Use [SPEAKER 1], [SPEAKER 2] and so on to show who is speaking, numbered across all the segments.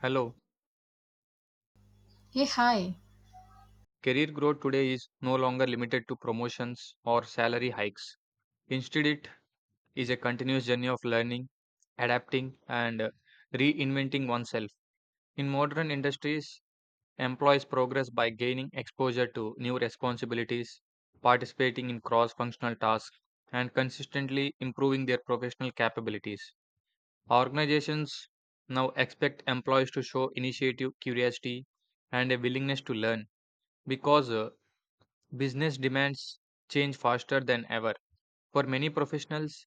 [SPEAKER 1] Hello.
[SPEAKER 2] Hey, hi.
[SPEAKER 1] Career growth today is no longer limited to promotions or salary hikes. Instead, it is a continuous journey of learning, adapting, and reinventing oneself. In modern industries, employees progress by gaining exposure to new responsibilities, participating in cross functional tasks, and consistently improving their professional capabilities. Organizations now expect employees to show initiative, curiosity, and a willingness to learn because business demands change faster than ever. For many professionals,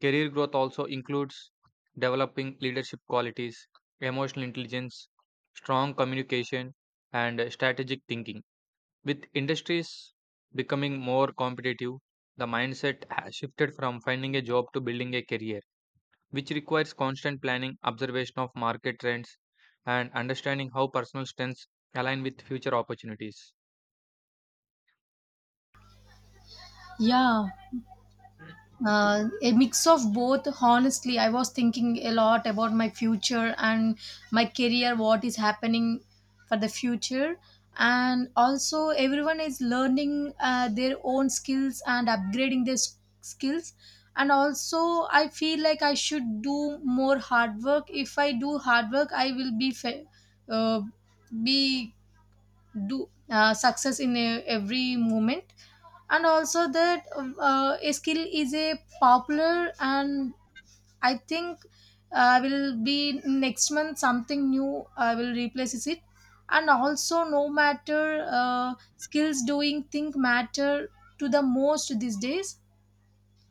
[SPEAKER 1] career growth also includes developing leadership qualities, emotional intelligence, strong communication, and strategic thinking. With industries becoming more competitive, the mindset has shifted from finding a job to building a career, which requires constant planning, observation of market trends, and understanding how personal strengths align with future opportunities.
[SPEAKER 2] Yeah, a mix of both. Honestly, I was thinking a lot about my future and my career, what is happening for the future. And also, everyone is learning their own skills and upgrading skills. And also, I feel like I should do more hard work. If I do hard work, I will uh, be do success in every moment and also that a skill is a popular and I think I will be next month something new I will replaces it and also no matter skills doing think matter to the most these days.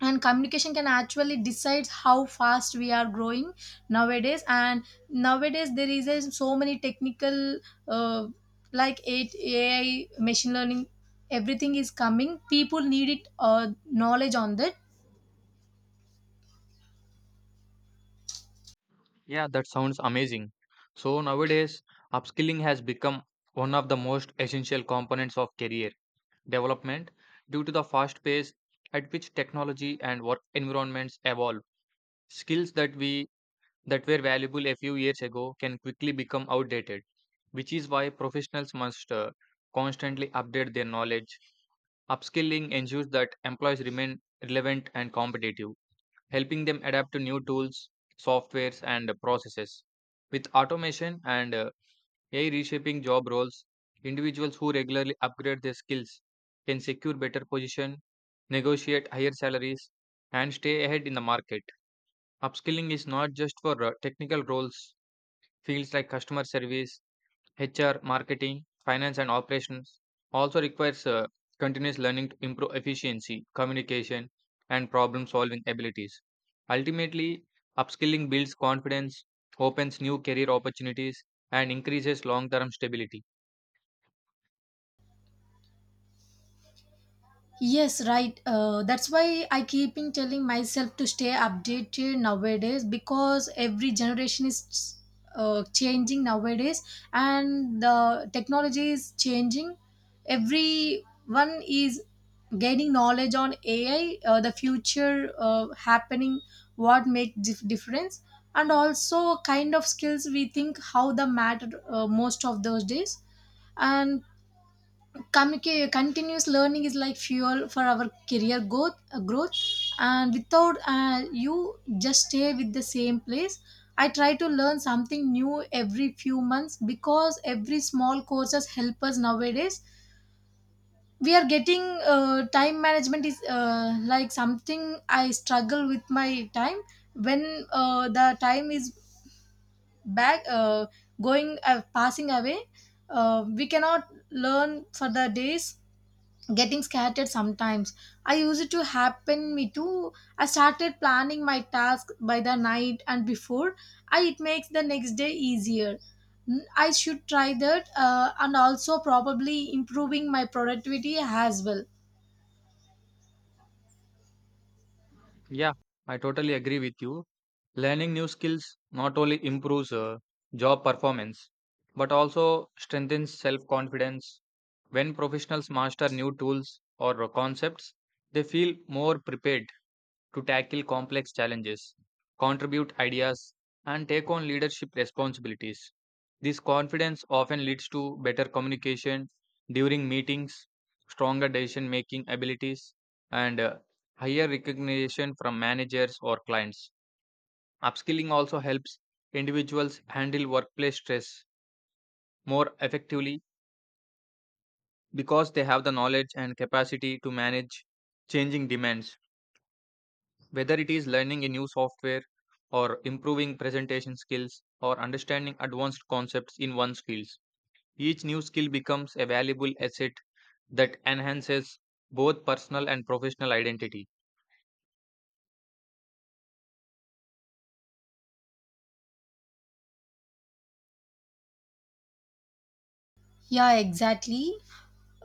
[SPEAKER 2] And communication can actually decide how fast we are growing nowadays. And nowadays there is a, so many technical uh, like it AI machine learning. Everything is coming people need it knowledge on that.
[SPEAKER 1] Yeah, that sounds amazing. So nowadays, upskilling has become one of the most essential components of career development due to the fast pace at which technology and work environments evolve. Skills that were valuable a few years ago can quickly become outdated, which is why professionals must constantly update their knowledge. Upskilling ensures that employees remain relevant and competitive, helping them adapt to new tools, softwares, and processes. With automation and AI reshaping job roles, individuals who regularly upgrade their skills can secure better position, negotiate higher salaries, and stay ahead in the market. Upskilling is not just for technical roles, fields like customer service, HR, marketing, finance, and operations also requires continuous learning to improve efficiency, communication, and problem solving abilities. Ultimately, upskilling builds confidence, opens new career opportunities, and increases long term stability.
[SPEAKER 2] Yes, right. That's why I keep in telling myself to stay updated nowadays because every generation is changing nowadays and the technology is changing. Everyone is gaining knowledge on AI, the future happening, what make difference, and also kind of skills we think how the matter most of those days. And continuous learning is like fuel for our career growth. And without you just stay with the same place. I try to learn something new every few months because every small courses help us nowadays. We are getting time management is like something I struggle with my time. When the time is back, going, passing away, we cannot learn for the days getting scattered sometimes. I used it to happen me too. I started planning my task by the night and before it makes the next day easier. Mm, I should try that, and also probably improving my productivity as well.
[SPEAKER 1] Yeah, I totally agree with you. Learning new skills not only improves job performance but also strengthens self confidence. When professionals master new tools or concepts, they feel more prepared to tackle complex challenges, contribute ideas, and take on leadership responsibilities. This confidence often leads to better communication during meetings, stronger decision making abilities, and higher recognition from managers or clients. Upskilling also helps individuals handle workplace stress more effectively because they have the knowledge and capacity to manage changing demands. Whether it is learning a new software or improving presentation skills or understanding advanced concepts in one's fields, each new skill becomes a valuable asset that enhances both personal and professional identity.
[SPEAKER 2] Yeah, exactly.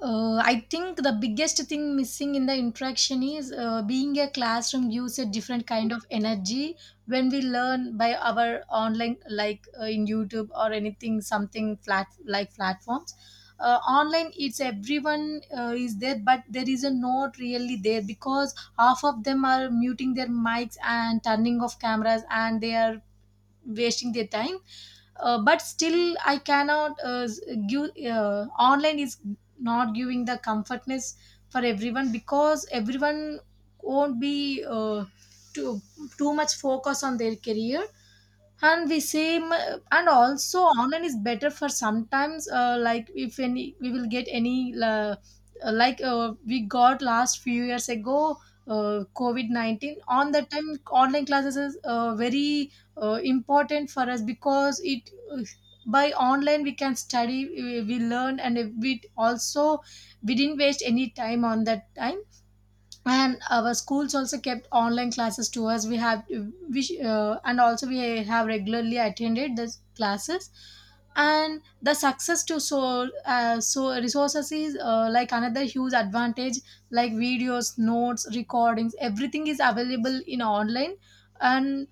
[SPEAKER 2] I think the biggest thing missing in the interaction is being a classroom gives a different kind of energy when we learn by our online, like, in YouTube or anything, something flat like platforms. Online, it's everyone is there, but there is a not really there because half of them are muting their mics and turning off cameras, and they are wasting their time. But still I cannot, give, online is not giving the comfortness for everyone because everyone won't be too too much focus on their career and we same. And also online is better for sometimes, like if any we will get any, we got last few years ago, covid-19. On that time online classes is very important for us because it, by online we can study, we learn and we also we didn't waste any time on that time. And our schools also kept online classes to us. We have and also we have regularly attended the classes. And the success to so, so resources is, like another huge advantage. Like videos notes recordings everything is available in online. and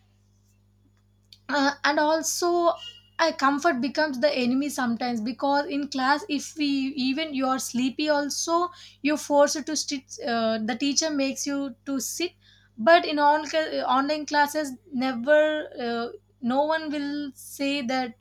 [SPEAKER 2] uh, and also, comfort becomes the enemy sometimes because in class if we even you are sleepy also you're forced to sit. The teacher makes you to sit. But in online classes never, no one will say that.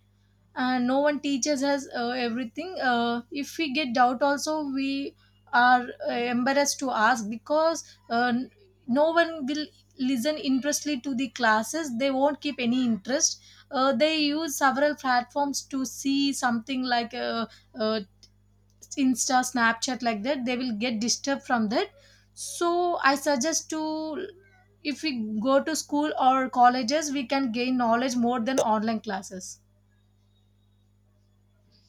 [SPEAKER 2] And no one teaches us everything. If we get doubt also we are embarrassed to ask because, uh, n- no one will listen interestly to the classes. They won't keep any interest. They use several platforms to see something like, uh, insta snapchat like that. They will get disturbed from that. So I suggest to, if we go to school or colleges we can gain knowledge more than online classes.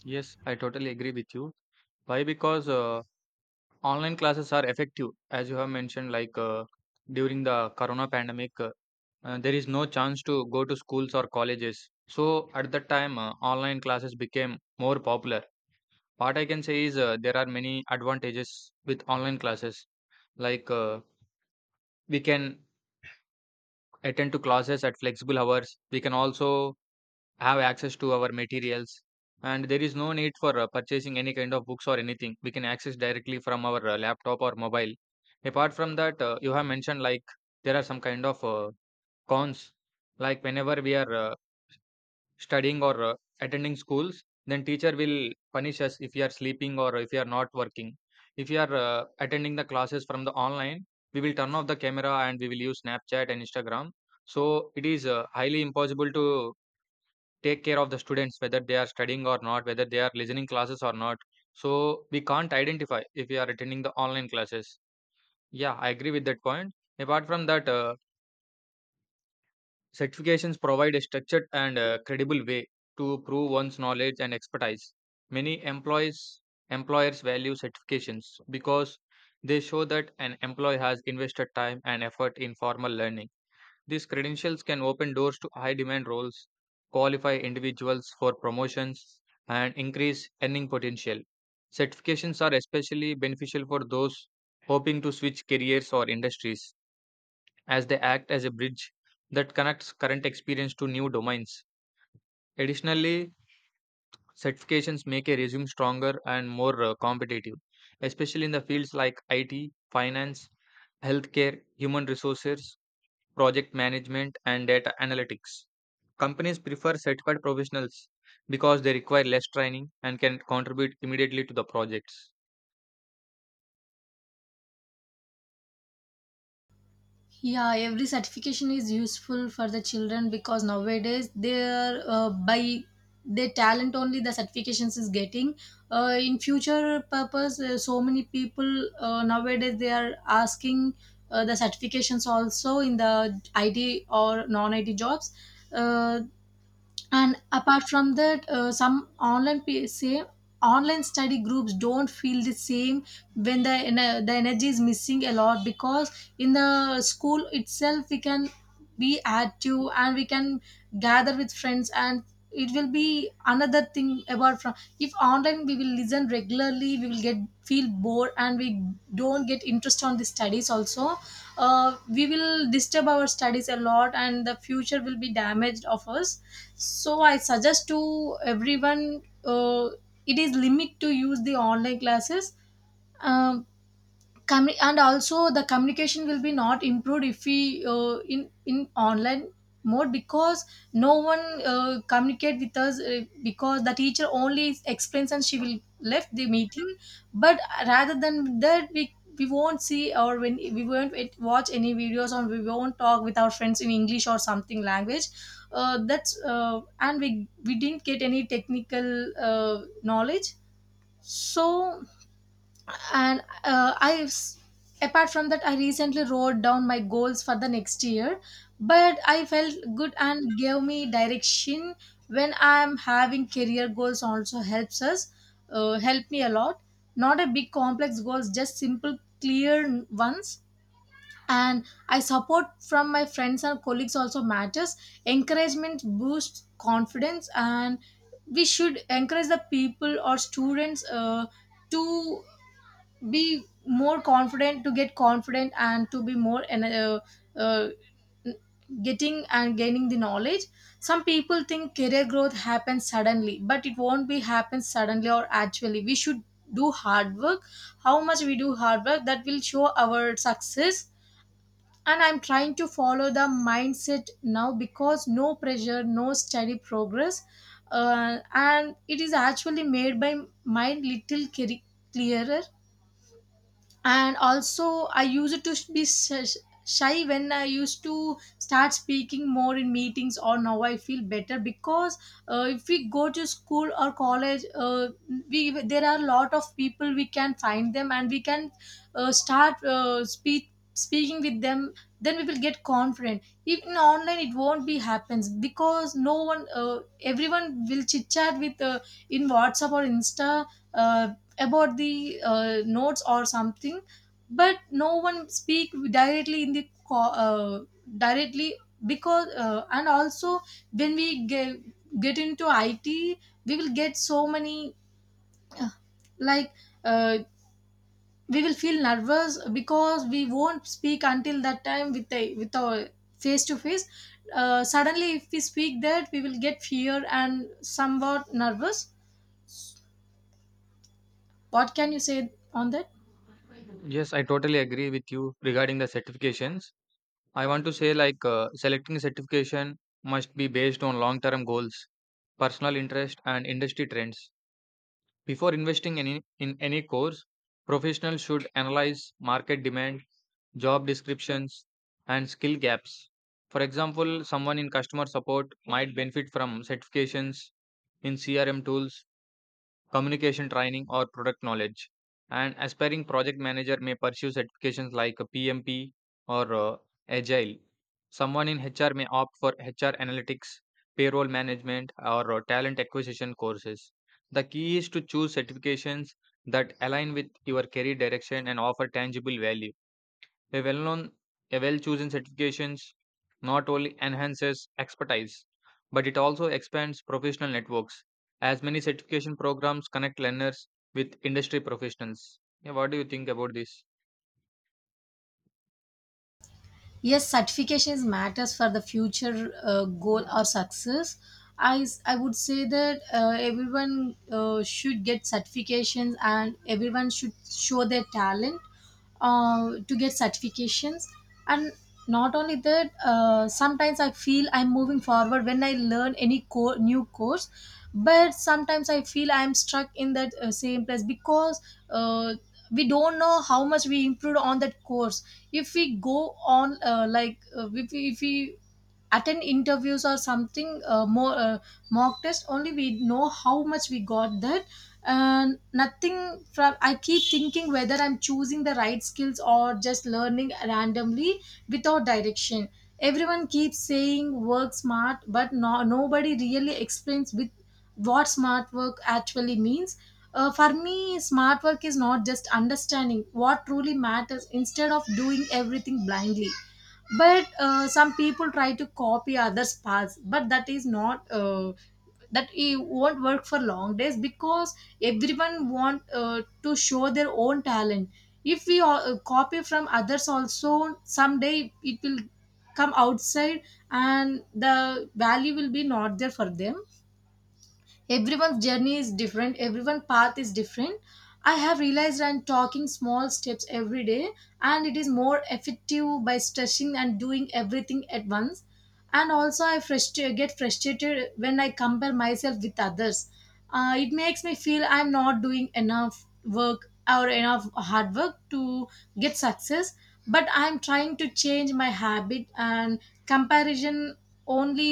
[SPEAKER 1] Yes, I totally agree with you. Why? Because online classes are effective, as you have mentioned, like during the corona pandemic, there is no chance to go to schools or colleges. So at that time, online classes became more popular. What I can say is, there are many advantages with online classes. Like we can attend to classes at flexible hours. We can also have access to our materials, and there is no need for purchasing any kind of books or anything. We can access directly from our laptop or mobile. Apart from that, you have mentioned like there are some kind of cons. Like whenever we are studying or attending schools, then teacher will punish us if we are sleeping or if we are not working. If you are attending the classes from the online, we will turn off the camera and we will use Snapchat and Instagram. So it is highly impossible to take care of the students whether they are studying or not, whether they are listening classes or not. So we can't identify if we are attending the online classes. Yeah, I agree with that point. Apart from that, certifications provide a structured and credible way to prove one's knowledge and expertise. Many employees employers value certifications because they show that an employee has invested time and effort in formal learning. These credentials can open doors to high demand roles, qualify individuals for promotions, and increase earning potential. Certifications are especially beneficial for those hoping to switch careers or industries, as they act as a bridge that connects current experience to new domains. Additionally, certifications make a resume stronger and more competitive, especially in the fields like IT, finance, healthcare, human resources, project management, and data analytics. Companies prefer certified professionals because they require less training and can contribute immediately to the projects.
[SPEAKER 2] Yeah, every certification is useful for the children because nowadays they're, by their talent only the certifications is getting, in future purpose. So many people, nowadays they are asking the certifications also in the it or non it jobs. uh, and apart from that, some online say online study groups don't feel the same. When the energy is missing a lot because in the school itself we can be active and we can gather with friends. And it will be another thing about from, if online we will listen regularly we will get feel bored and we don't get interest on the studies also. We will disturb our studies a lot and the future will be damaged of us. So I suggest to everyone, it is limit to use the online classes. Um and also the communication will be not improved if we, in online mode because no one communicate with us, because the teacher only explains and she will left the meeting. But rather than that we won't see or when we won't watch any videos or we won't talk with our friends in English or something language. That's, and we didn't get any technical uh, knowledge. So and uh, i've s- apart from that I recently wrote down my goals for the next year, but I felt good and gave me direction. When I'm having career goals also helps us, help me a lot. Not a big complex goals, just simple clear ones. And I support from my friends and colleagues also matters. Encouragement boosts confidence and we should encourage the people or students, to be more confident, to get confident and to be more, and uh, getting and gaining the knowledge. Some people think career growth happens suddenly but it won't be happen suddenly, or actually we should do hard work. How much we do hard work that will show our success. And I'm trying to follow the mindset now because no pressure no steady progress. And it is actually made by mind little clearer. And also I used to be shy when I used to start speaking more in meetings or now I feel better because, if we go to school or college, we there are a lot of people we can find them and we can start, speaking with them. Then we will get confident even online it won't be happens because no one, everyone will chit chat with, in WhatsApp or insta, uh, about the notes or something. But no one speak directly in the directly because, and also when we get into it, we will get so many, like, uh, we will feel nervous because we won't speak until that time with our face to face. Suddenly if we speak that we will get fear and somewhat nervous. What can you say on that?
[SPEAKER 1] Yes, I totally agree with you regarding the certifications. I want to say like, selecting certification must be based on long-term goals, personal interest, and industry trends. Before investing in any course, professionals should analyze market demand, job descriptions, and skill gaps. For example, someone in customer support might benefit from certifications in CRM tools, communication training, or product knowledge. An aspiring project manager may pursue certifications like a PMP or Agile. Someone in HR may opt for HR analytics, payroll management, or talent acquisition courses. The key is to choose certifications that align with your career direction and offer tangible value. A well known, a well chosen certifications not only enhances expertise, but it also expands professional networks, as many certification programs connect learners with industry professionals. Yeah, what do you think about this?
[SPEAKER 2] Yes, certification is matters for the future goal or success. I would say that everyone, should get certifications and everyone should show their talent to get certifications. And not only that, sometimes I feel I'm moving forward when I learn any new course. But sometimes I feel I'm stuck in that same place because, uh, we don't know how much we improved on that course. If we go on, if we attend interviews or something, more, mock test only we know how much we got that. And nothing from, I keep thinking whether I'm choosing the right skills or just learning randomly without direction. Everyone keeps saying work smart but no, nobody really explains with what smart work actually means. For me, smart work is not just understanding what truly matters instead of doing everything blindly. But some people try to copy others' paths, but that is not, that it won't work for long days because everyone want to show their own talent. If we all, copy from others, also someday it will come outside, and the value will be not there for them. Everyone's journey is different, everyone's path is different. I have realized I'm talking small steps every day, and it is more effective by stretching and doing everything at once. And also get frustrated when I compare myself with others. It makes me feel I'm not doing enough work or enough hard work to get success, but I'm trying to change my habit. And comparison only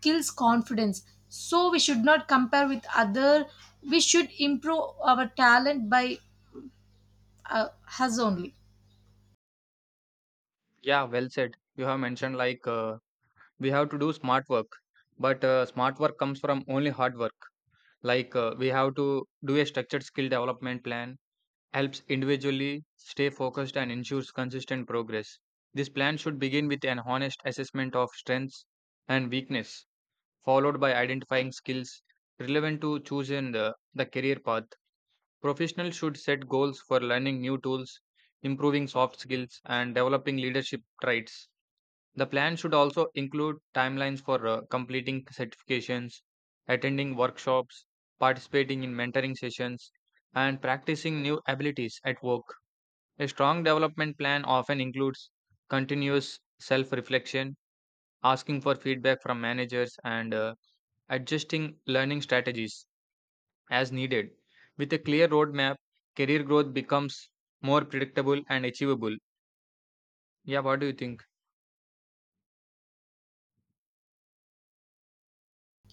[SPEAKER 2] kills confidence, so we should not compare with other. We should improve our talent by uh, us only.
[SPEAKER 1] Yeah, well said. You have mentioned like, we have to do smart work, but smart work comes from only hard work. Like, we have to do a structured skill development plan helps individually stay focused and ensures consistent progress. This plan should begin with an honest assessment of strengths and weakness, followed by identifying skills relevant to choosing the career path. Professionals should set goals for learning new tools, improving soft skills, and developing leadership traits. The plan should also include timelines for completing certifications, attending workshops, participating in mentoring sessions, and practicing new abilities at work. A strong development plan often includes continuous self reflection, asking for feedback from managers, and adjusting learning strategies as needed. With a clear roadmap, career growth becomes more predictable and achievable. Yeah, what do you think?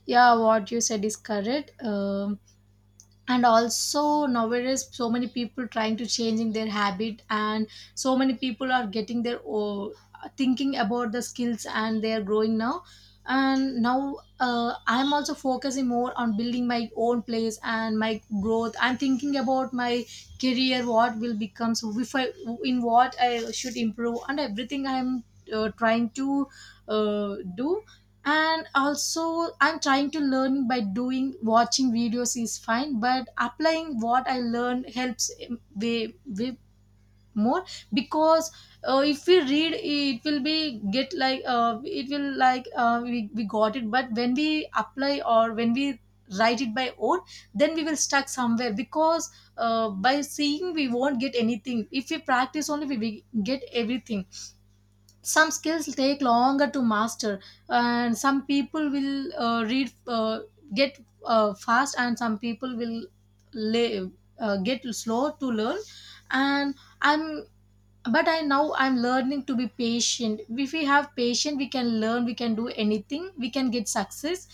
[SPEAKER 2] Yeah, what you said is correct. And also nowadays so many people trying to changing their habit, and so many people are getting their thinking about the skills, and they are growing now. And now I'm also focusing more on building my own place and my growth. I'm thinking about my career, what will become. So if I, in what I should improve and everything, I'm trying to do. And also I'm trying to learn by doing. Watching videos is fine, but applying what I learned helps way more. Because if we read, it will be get like it will like we got it. But when we apply or when we write it by own, then we will stuck somewhere. Because by seeing we won't get anything. If we practice only, we will get everything. Some skills take longer to master, and some people will read get fast, and some people will lay, get slow to learn. And I'm but I now I'm learning to be patient. If we have patience, we can learn, we can do anything, we can get success.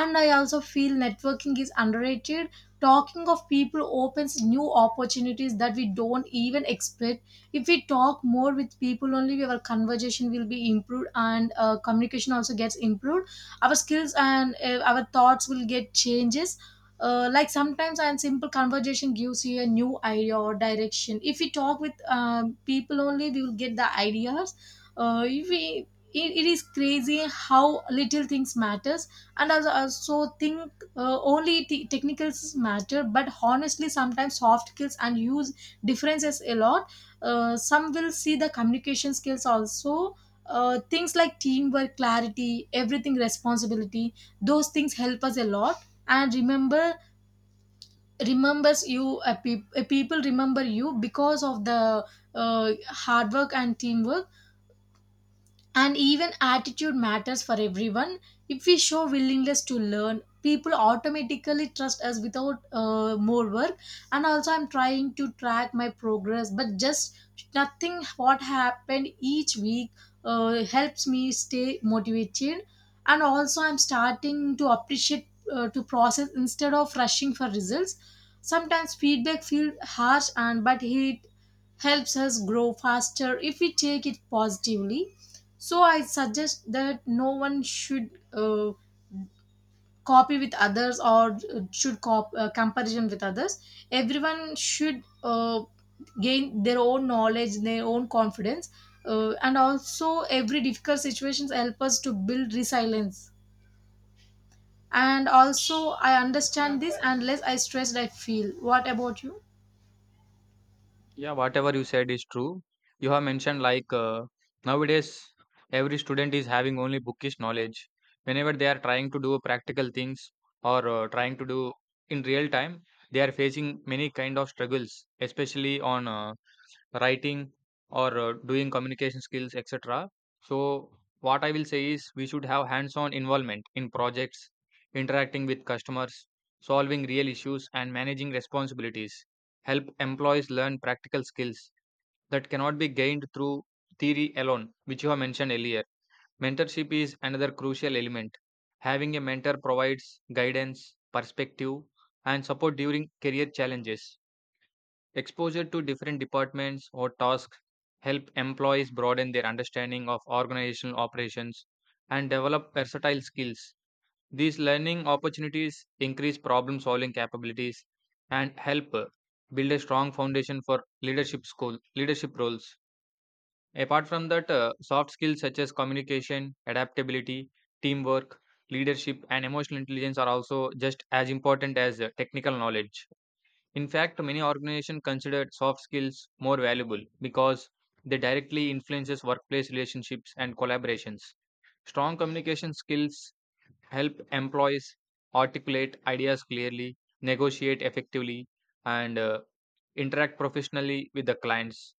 [SPEAKER 2] And I also feel networking is underrated. Talking of people opens new opportunities that we don't even expect. If we talk more with people only, our conversation will be improved, and communication also gets improved. Our skills and our thoughts will get changes. Like sometimes and simple conversation gives you a new idea or direction. If we talk with people only, we will get the ideas. If we It is crazy how little things matters. And also think only technicals matter, but honestly sometimes soft skills and use differences a lot. Some will see the communication skills also. Things like teamwork, clarity, everything, responsibility, those things help us a lot. And remembers you a, a people remember you because of the uh, hard work and teamwork. And even attitude matters for everyone. If we show willingness to learn, people automatically trust us without more work. And also I'm trying to track my progress, but just nothing what happened each week helps me stay motivated. And also I'm starting to appreciate to process instead of rushing for results. Sometimes feedback feels harsh and but it helps us grow faster if we take it positively. So I suggest that no one should copy with others, or comparison with others. Everyone should gain their own knowledge, their own confidence. And also every difficult situations help us to build resilience. And also I understand this, and less I stressed I feel. What about you?
[SPEAKER 1] Yeah, whatever you said is true. You have mentioned like, nowadays every student is having only bookish knowledge. Whenever they are trying to do practical things or trying to do in real time, they are facing many kind of struggles, especially on writing or doing communication skills, etc. So what I will say is, we should have hands on involvement in projects, interacting with customers, solving real issues and managing responsibilities help employees learn practical skills that cannot be gained through theory alone, which you have mentioned earlier. Mentorship is another crucial element. Having a mentor provides guidance, perspective, and support during career challenges. Exposure to different departments or tasks help employees broaden their understanding of organizational operations and develop versatile skills. These learning opportunities increase problem solving capabilities and help build a strong foundation for leadership roles. Apart from that, soft skills such as communication, adaptability, teamwork, leadership and emotional intelligence are also just as important as technical knowledge. In fact, many organizations consider soft skills more valuable because they directly influences workplace relationships and collaborations. Strong communication skills help employees articulate ideas clearly, negotiate effectively, and interact professionally with the clients.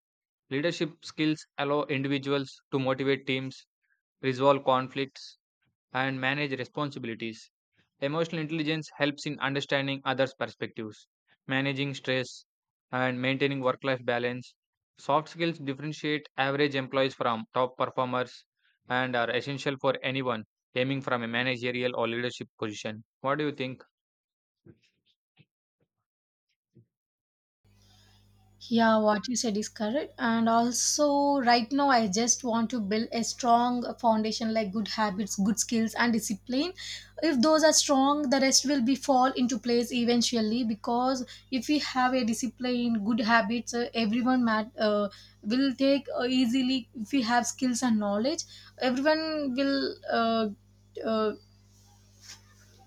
[SPEAKER 1] Leadership skills allow individuals to motivate teams, resolve conflicts, and manage responsibilities. Emotional intelligence helps in understanding others' perspectives, managing stress, and maintaining work life balance. Soft skills differentiate average employees from top performers and are essential for anyone aiming from a managerial or leadership position. What do you think?
[SPEAKER 2] Yeah, what you said is correct. And also, right now, I just want to build a strong foundation like good habits, good skills, and discipline. If those are strong, the rest will be fall into place eventually. Because if we have a discipline, good habits, everyone will take easily. If we have skills and knowledge, everyone will. Uh,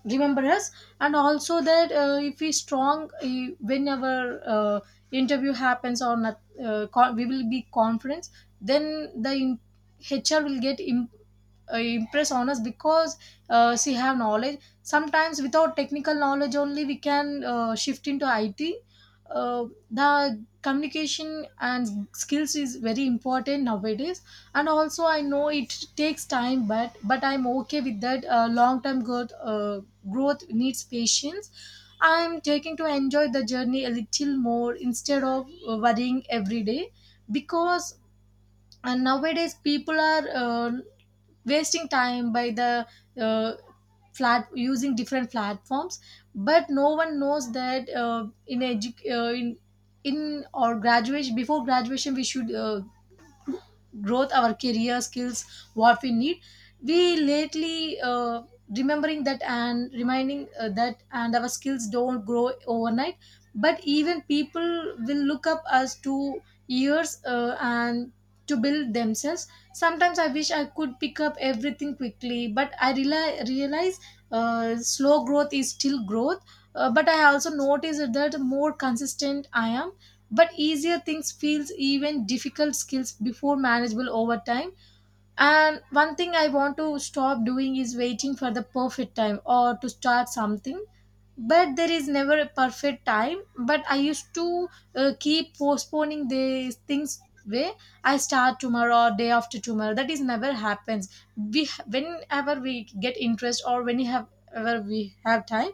[SPEAKER 2] Remember us. And also that if we strong, whenever interview happens or not, we will be confident. then the in- HR will get impressed on us because she have knowledge. Sometimes without technical knowledge only we can shift into it. uh, the communication and skills is very important nowadays. And also I know it takes time, but I'm okay with that. Long term growth needs patience. I'm taking to enjoy the journey a little more instead of worrying every day. Because nowadays people are wasting time by the uh, flat using different platforms. But no one knows that in edu- in or graduation, before graduation we should growth our career skills, what we need. We lately remembering that and reminding that. And our skills don't grow overnight, but even people will look up us to years and to build themselves. Sometimes I wish I could pick up everything quickly, but I realize slow growth is still growth. But I also noticed that the more consistent I am, but easier things feels, even difficult skills before manageable over time. And one thing I want to stop doing is waiting for the perfect time or to start something. But there is never a perfect time. But I used to keep postponing these things. Way I start tomorrow or day after tomorrow. That is never happens. We Whenever we get interest or whenever we have time,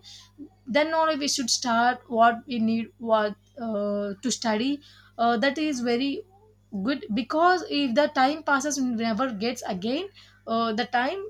[SPEAKER 2] then only we should start what we need, what to study. That is very good. Because if the time passes and never gets again the time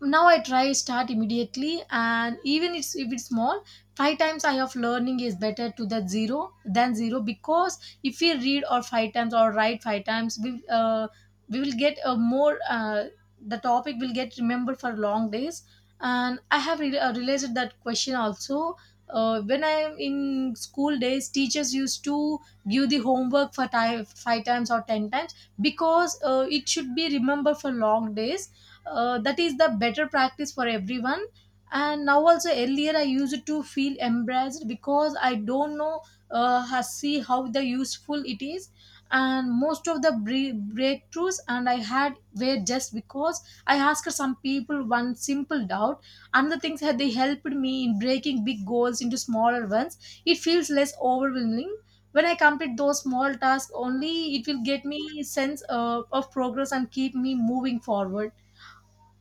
[SPEAKER 2] now I try start immediately. And even if it's small, five times I of learning is better to the zero than zero. Because if we read or five times or write five times, we will get a more the topic will get remembered for long days. And I have realized that question also. When I am in school days, teachers used to give the homework for five times or ten times, because it should be remembered for long days. That is the better practice for everyone. And now also earlier I used to feel embarrassed because I don't know see how the useful it is. And most of the breakthroughs and I had were just because I asked some people one simple doubt. And the things that they helped me in breaking big goals into smaller ones, it feels less overwhelming. When I complete those small tasks only, it will get me sense of progress and keep me moving forward.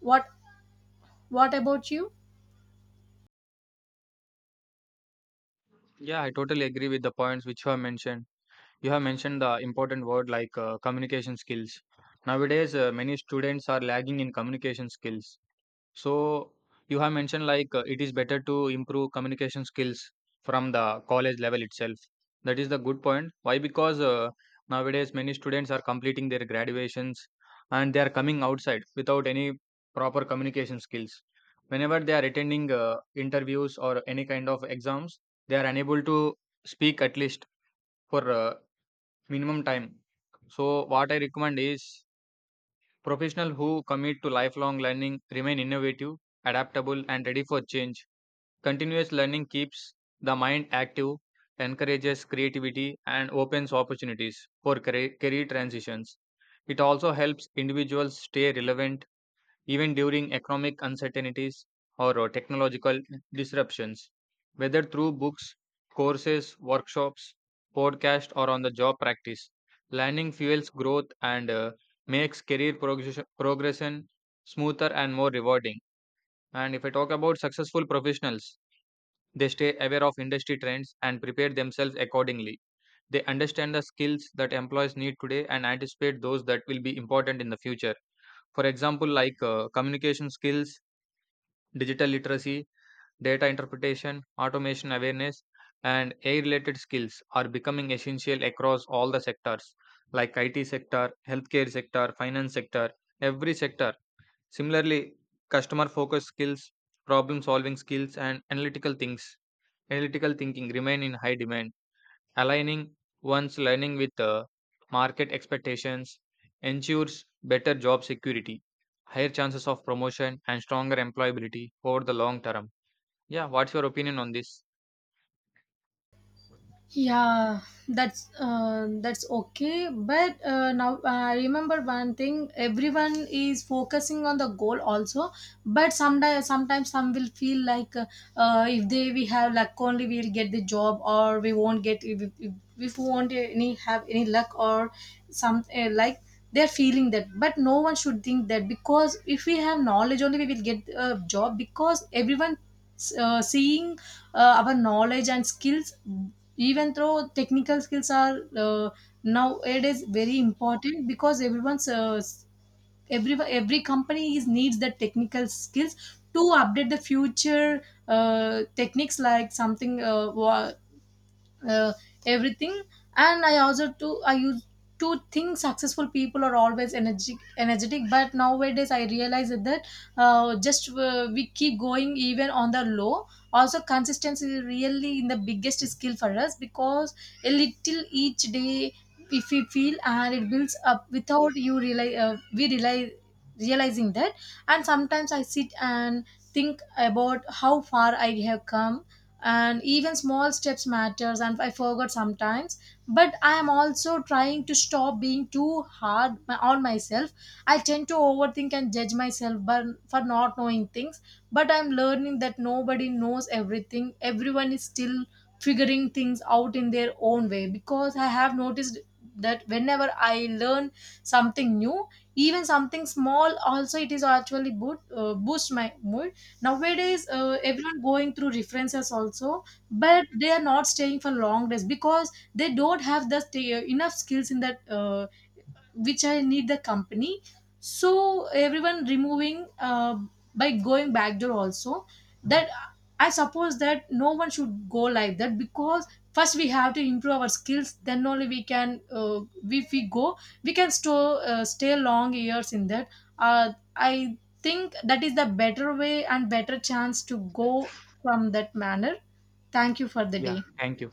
[SPEAKER 2] what What about you?
[SPEAKER 1] Yeah, I totally agree with the points which you have mentioned. You have mentioned the important word like, communication skills. Nowadays, many students are lagging in communication skills. So you have mentioned like, it is better to improve communication skills from the college level itself. That is the good point. Why? Because nowadays many students are completing their graduations and they are coming outside without any proper communication skills. Whenever they are attending interviews or any kind of exams, they are unable to speak at least for minimum time. So what I recommend is, professionals who commit to lifelong learning remain innovative, adaptable, and ready for change. Continuous learning keeps the mind active, encourages creativity, and opens opportunities for career transitions. It also helps individuals stay relevant even during economic uncertainties or technological disruptions. Whether through books, courses, workshops, podcasts, or on the job practice, learning fuels growth and makes progression smoother and more rewarding. And if I talk about successful professionals, they stay aware of industry trends and prepare themselves accordingly. They understand the skills that employees need today and anticipate those that will be important in the future. For example, like, communication skills, digital literacy, data interpretation, automation awareness, and AI related skills are becoming essential across all the sectors, like IT sector, healthcare sector, finance sector, every sector. Similarly, customer focused skills, problem solving skills, and analytical thinking remain in high demand. Aligning one's learning with the market expectations ensures better job security, higher chances of promotion and stronger employability over the long term. Yeah, what's your opinion on this?
[SPEAKER 2] Yeah, that's okay. But now I remember one thing: everyone is focusing on the goal also. But sometimes some will feel like if they we have luck only, we'll get the job, or we won't get if we won't any have any luck or some like they're feeling that. But no one should think that, because if we have knowledge only, we will get a job. Because everyone seeing our knowledge and skills. Even though technical skills are nowadays very important, because every every company is needs the technical skills to update the future techniques like uh, everything. And I used to think successful people are always energetic, but nowadays I realize that just we keep going even on the low also. Consistency is really in the biggest skill for us. Because a little each day if we feel and it builds up without you realize we realize realizing that. And sometimes I sit and think about how far I have come, and even small steps matters, and I forgot sometimes. But I am also trying to stop being too hard on myself. I tend to overthink and judge myself but for not knowing things. But I'm learning that nobody knows everything, everyone is still figuring things out in their own way. Because I have noticed that whenever I learn something new, even something small also, it is actually boost my mood. Nowadays everyone going through references also, but they are not staying for long days because they don't have the enough skills in that which I need the company. So everyone removing by going backdoor also. That I suppose that no one should go like that. Because first we have to improve our skills. Then only we can if we go, we can store stay long years in that. I think that is the better way and better chance to go from that manner. Thank you for the day.
[SPEAKER 1] Yeah, thank you.